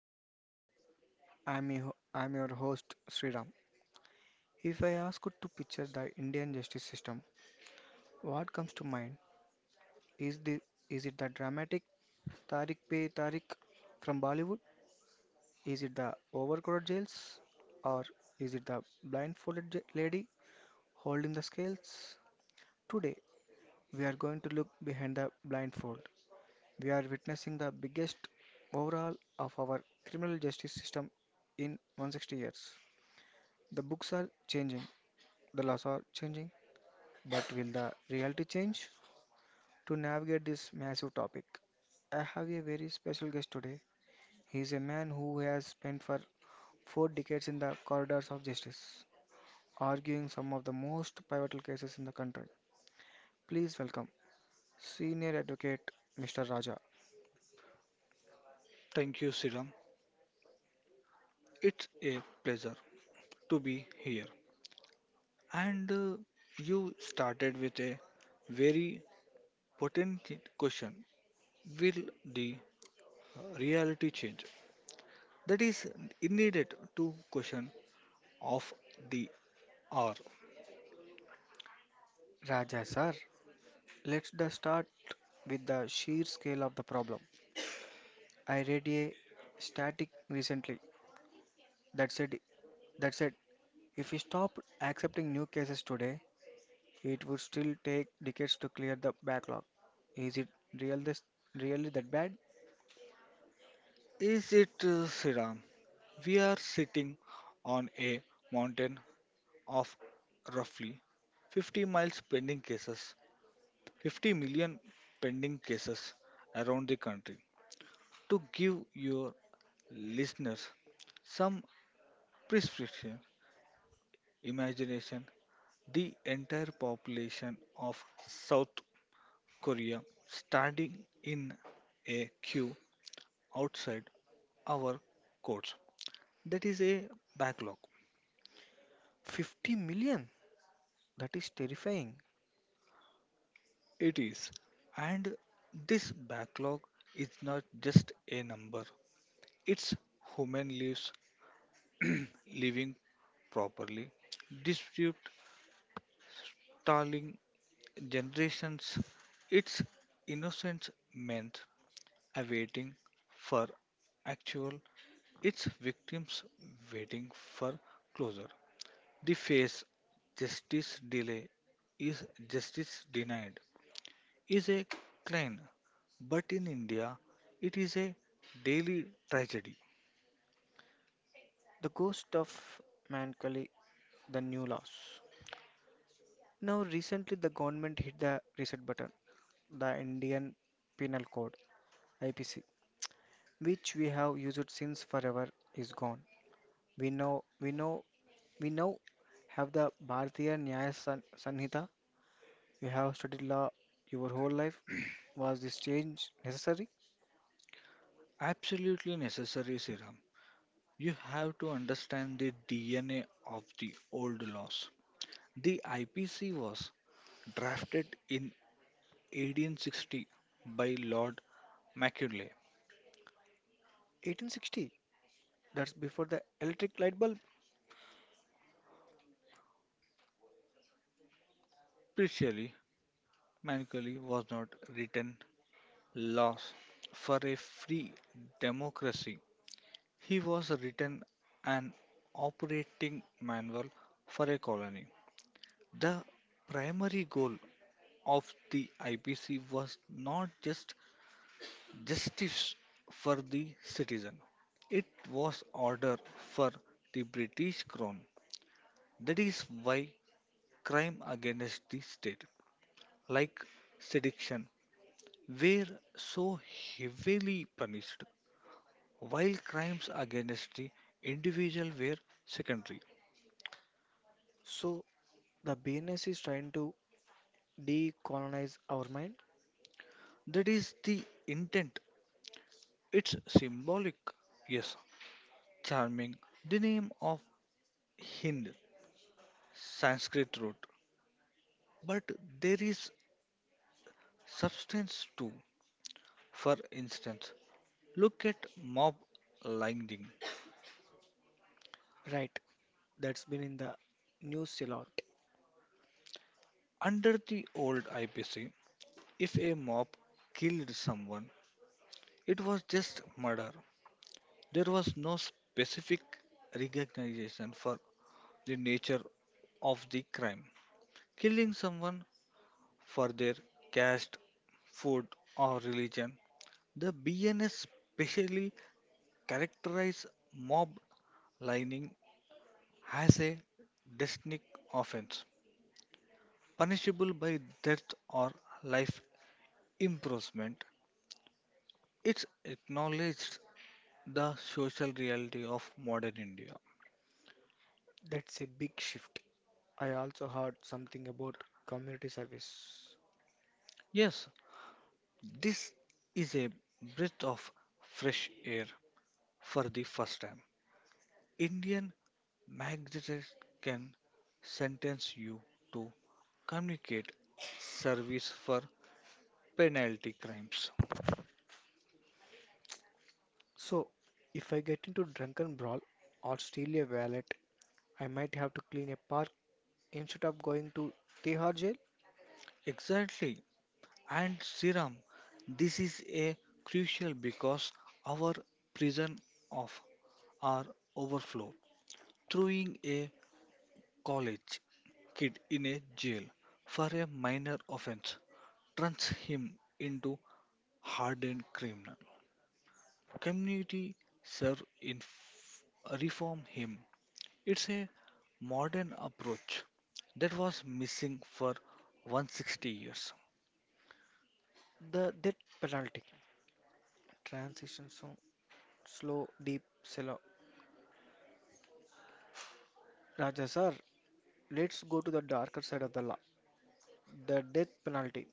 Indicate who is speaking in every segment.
Speaker 1: God. I'm your host Sriram. If I ask you to picture the Indian justice system, what comes to mind? Is the is it the dramatic Tariq Pe Tariq from Bollywood? Is it the overcrowded jails or is it the lady holding the scales? Today we are going to look behind the blindfold. We are witnessing the biggest overhaul of our criminal justice system in 160 years. The books are changing, the laws are changing, but will the reality change? To navigate this massive topic, I have a very special guest today. He is a man who has spent for four decades in the corridors of justice, arguing some of the most pivotal cases in the country. Please welcome Senior Advocate Mr. Raja.
Speaker 2: Thank you, Siram. It's a pleasure to be here. And You started with a very potent question. Will the reality change? That is needed to question of the hour.
Speaker 1: Raja, sir, let's the start with the sheer scale of the problem. I read a static recently that said that said if we stop accepting new cases today, it would still take decades to clear the backlog. Is it real this, really that bad?
Speaker 2: Is it, Siram? We are sitting on a mountain of roughly 50 miles pending cases, 50 million pending cases around the country. To give your Listeners some prescription, imagination, the entire population of South Korea standing in a queue outside our courts. That is a backlog.
Speaker 1: 50 million? That is terrifying.
Speaker 2: It is. And this backlog is not just a number, it's human lives living properly, dispute, tolling generations, its innocence meant awaiting for actual, its victims waiting for closure. The face justice delay is justice denied is a crime, but in India it is a daily tragedy.
Speaker 1: The ghost of Mankali, the new laws. Now, recently, the government hit the reset button. The Indian Penal Code, IPC, which we have used since forever is gone. We know we know we now have the Sanhita. You have studied law your whole life. Was this change necessary?
Speaker 2: Absolutely necessary serum. You have to understand the DNA of the old laws. The IPC was drafted in 1860 by Lord Macaulay.
Speaker 1: 1860. That's before the electric light bulb.
Speaker 2: Spiritually, Machiavelli was not written laws for a free democracy. He was written an operating manual for a colony. The primary goal of the IPC was not just justice for the citizen, it was order for the British crown. That is why crime against the state, like sedition, were so heavily punished, while crimes against the individual were secondary.
Speaker 1: So the BNS is trying to decolonize our mind.
Speaker 2: That is the intent. It's symbolic, yes, charming, the name of Hind, Sanskrit root. But there is substance too. For instance, look at mob lynching.
Speaker 1: Right. That's been in the news a lot.
Speaker 2: Under the old IPC, if a mob killed someone, it was just murder. There was no specific recognition for the nature of the crime. Killing someone for their caste, food, or religion. The BNS specially characterized mob lining as a distinct offense, punishable by death or life imprisonment. It acknowledged the social reality of modern India.
Speaker 1: That's a big shift. I also heard something about community service.
Speaker 2: Yes, this is a breath of fresh air. For the first time, Indian magistrates can sentence you to communicate service for penalty crimes.
Speaker 1: So, if I get into drunken brawl or steal a wallet, I might have to clean a park instead of going to Tihar jail.
Speaker 2: Exactly. And Siram, this is a crucial because our prison of are overflow. Throwing a college kid in a jail for a minor offense turns him into hardened criminal. Community serve in f- Reform him. It's a modern approach that was missing for 160 years.
Speaker 1: The death penalty. Transition zone. Slow, deep, shallow. Raja sir, let's go to the darker side of the law. The death penalty.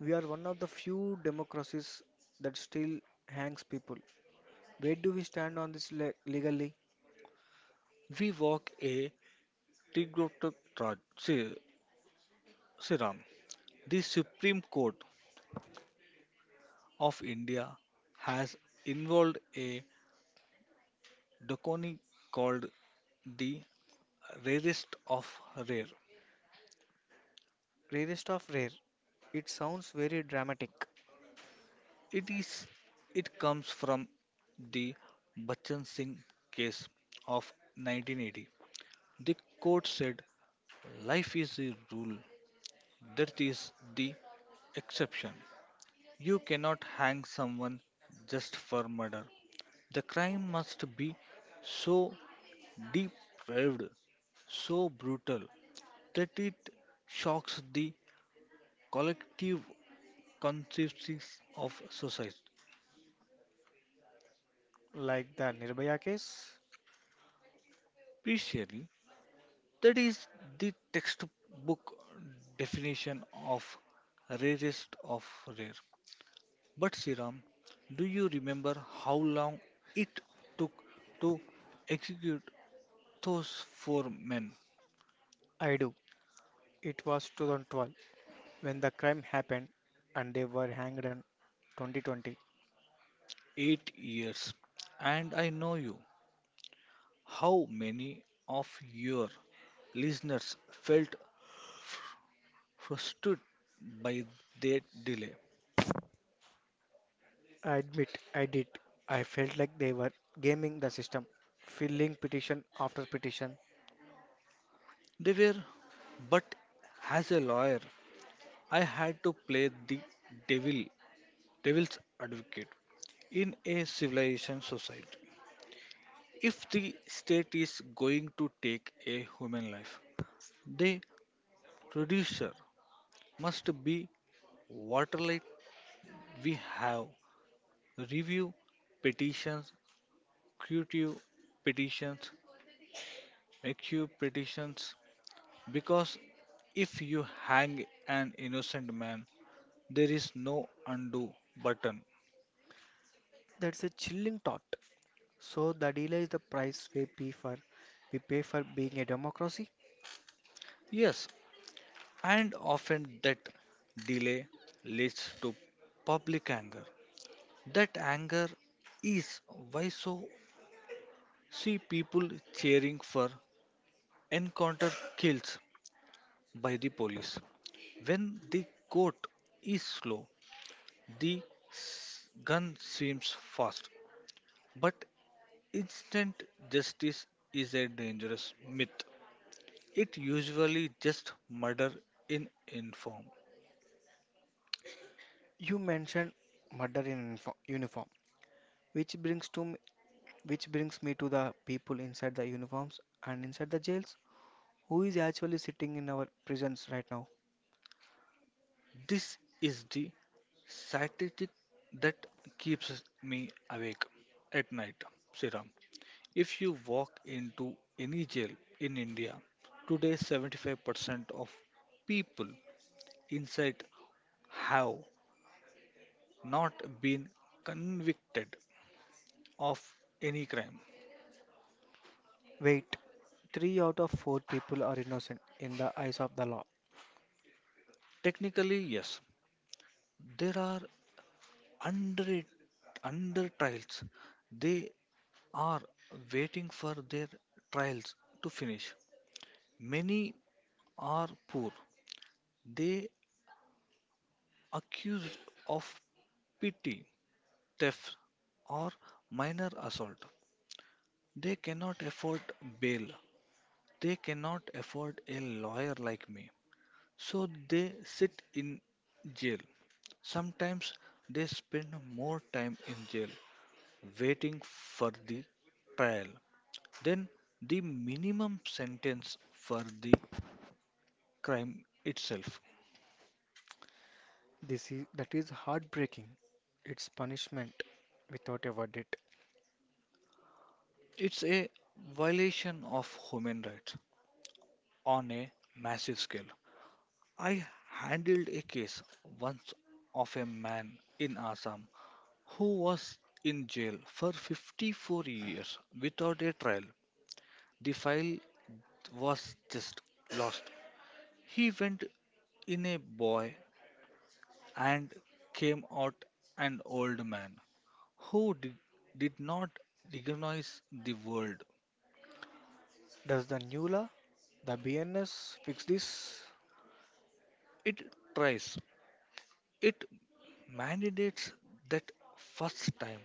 Speaker 1: We are one of the few democracies that still hangs people. Where do we stand on this legally?
Speaker 2: We walk a Tigrutraj Siram. The Supreme Court of India has involved a doctrine called the rarest of rare.
Speaker 1: Rarest of rare. It sounds very dramatic,
Speaker 2: It is, it comes from the Bachchan Singh case of 1980. The court said life is the rule, death is the exception. You cannot hang someone just for murder. The crime must be so depraved, so brutal that it shocks the collective consciences of society.
Speaker 1: like the Nirbhaya case.
Speaker 2: Previously, that is the textbook definition of rarest of rare. But Sriram, do you remember how long it took to execute those four men?
Speaker 1: I do. It was 2012 when the crime happened and they were hanged in 2020.
Speaker 2: 8 years. And I know you. How many of your listeners felt frustrated by that delay?
Speaker 1: I admit I did. I felt like they were gaming the system, filling petition after petition.
Speaker 2: They were, but as a lawyer, I had to play the devil devil's advocate in a civilization society. If the state is going to take a human life, the producer must be waterlight. We have review petitions, creative petitions, make you petitions because if you hang an innocent man, there is no undo button.
Speaker 1: That's a chilling thought. So the deal is the price we pay for being a democracy.
Speaker 2: Yes, and often that delay leads to public anger. That anger is why so see people cheering for encounter kills by the police. When the court is slow, the gun seems fast. But instant justice is a dangerous myth. It usually just murder in inform.
Speaker 1: You mentioned murder in uniform, which which brings me to the people inside the uniforms and inside the jails who is actually sitting in our prisons right now.
Speaker 2: This is the statistic that keeps me awake at night, Siram. If you walk into any jail in India, today 75% of people inside have not been convicted of any crime.
Speaker 1: Wait, three out of four people are innocent in the eyes of the law.
Speaker 2: Technically, yes, there are under, under trials. They are waiting for their trials to finish. Many are poor. They accused of pity, theft, or minor assault. They cannot afford bail. They cannot afford a lawyer like me. So they sit in jail. Sometimes they spend more time in jail waiting for the trial than the minimum sentence for the crime itself.
Speaker 1: This is That is heartbreaking. It's punishment without a verdict.
Speaker 2: It's a violation of human rights on a massive scale. I handled a case once of a man in Assam who was in jail for 54 years without a trial. The file was just lost. He went in a boy and came out an old man who did not recognize the world.
Speaker 1: Does the new law, the BNS, fix this?
Speaker 2: It tries, it mandates that first time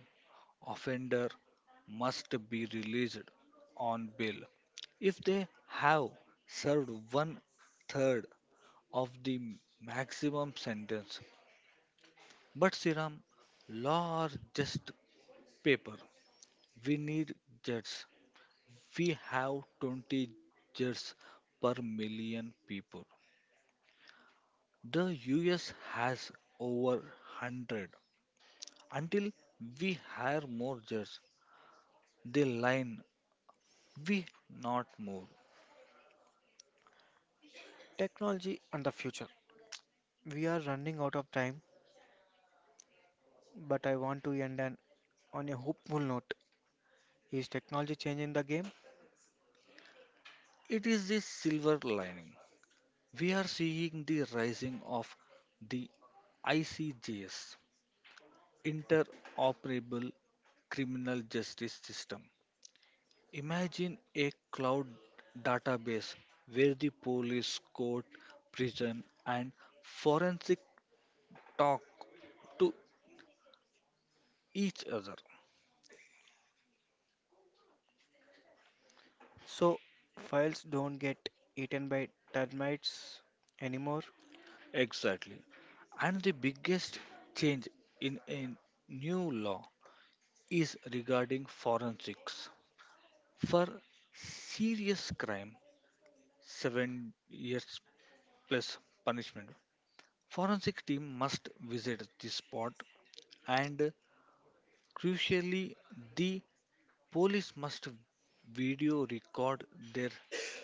Speaker 2: offender must be released on bail if they have served one third of the maximum sentence. But Sriram, law are just paper. We need judges. We have 20 judges per million people. The US has over 100. Until we hire more judges, the line we not move.
Speaker 1: Technology and the future. We are running out of time, but I want to on a hopeful note. Is technology changing the game?
Speaker 2: It is the silver lining. We are seeing the rising of the ICJs, interoperable criminal justice system. Imagine a cloud database where the police, court, prison, and forensic talk to each other.
Speaker 1: So files don't get eaten by termites anymore.
Speaker 2: Exactly. And the biggest change in a new law is regarding forensics. For serious crime, 7 years plus punishment. Forensic team must visit the spot and crucially the Police must video record their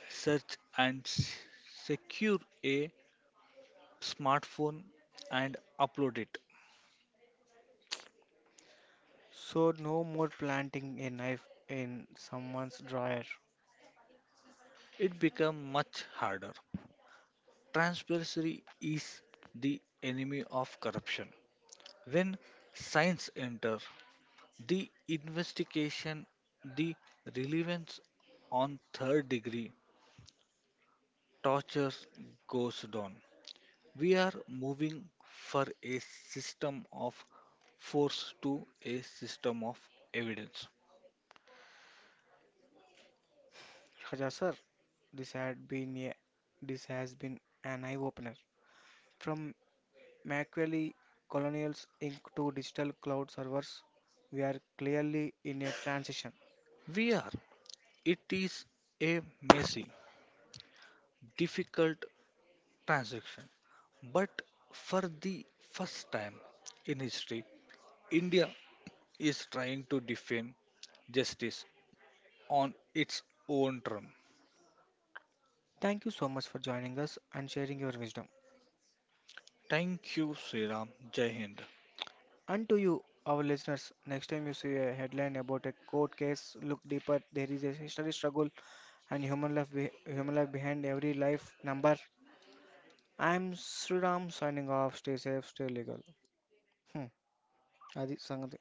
Speaker 2: search and s- secure a smartphone and upload it.
Speaker 1: So no more planting a knife in someone's drawer.
Speaker 2: It becomes much harder. Transparency is the enemy of corruption. When science enter the investigation, the relevance on third degree torture goes down. We are moving for a system of force to a system of evidence.
Speaker 1: Khaja sir, this had been a, this has been an eye-opener. From Machiavelli Colonials Inc. to digital cloud servers, we are clearly in a transition.
Speaker 2: We are. It is a messy, difficult transaction, but for the first time in history, India is trying to defend justice on its own term.
Speaker 1: Thank you so much for joining us and sharing your wisdom.
Speaker 2: Thank you, Sriram. Jai Hind.
Speaker 1: And to you, our listeners, next time you see a headline about a court case, look deeper. There is a history struggle and human life behind every life number. I'm Sriram signing off. Stay safe, stay legal. Hmm. అది సంగతి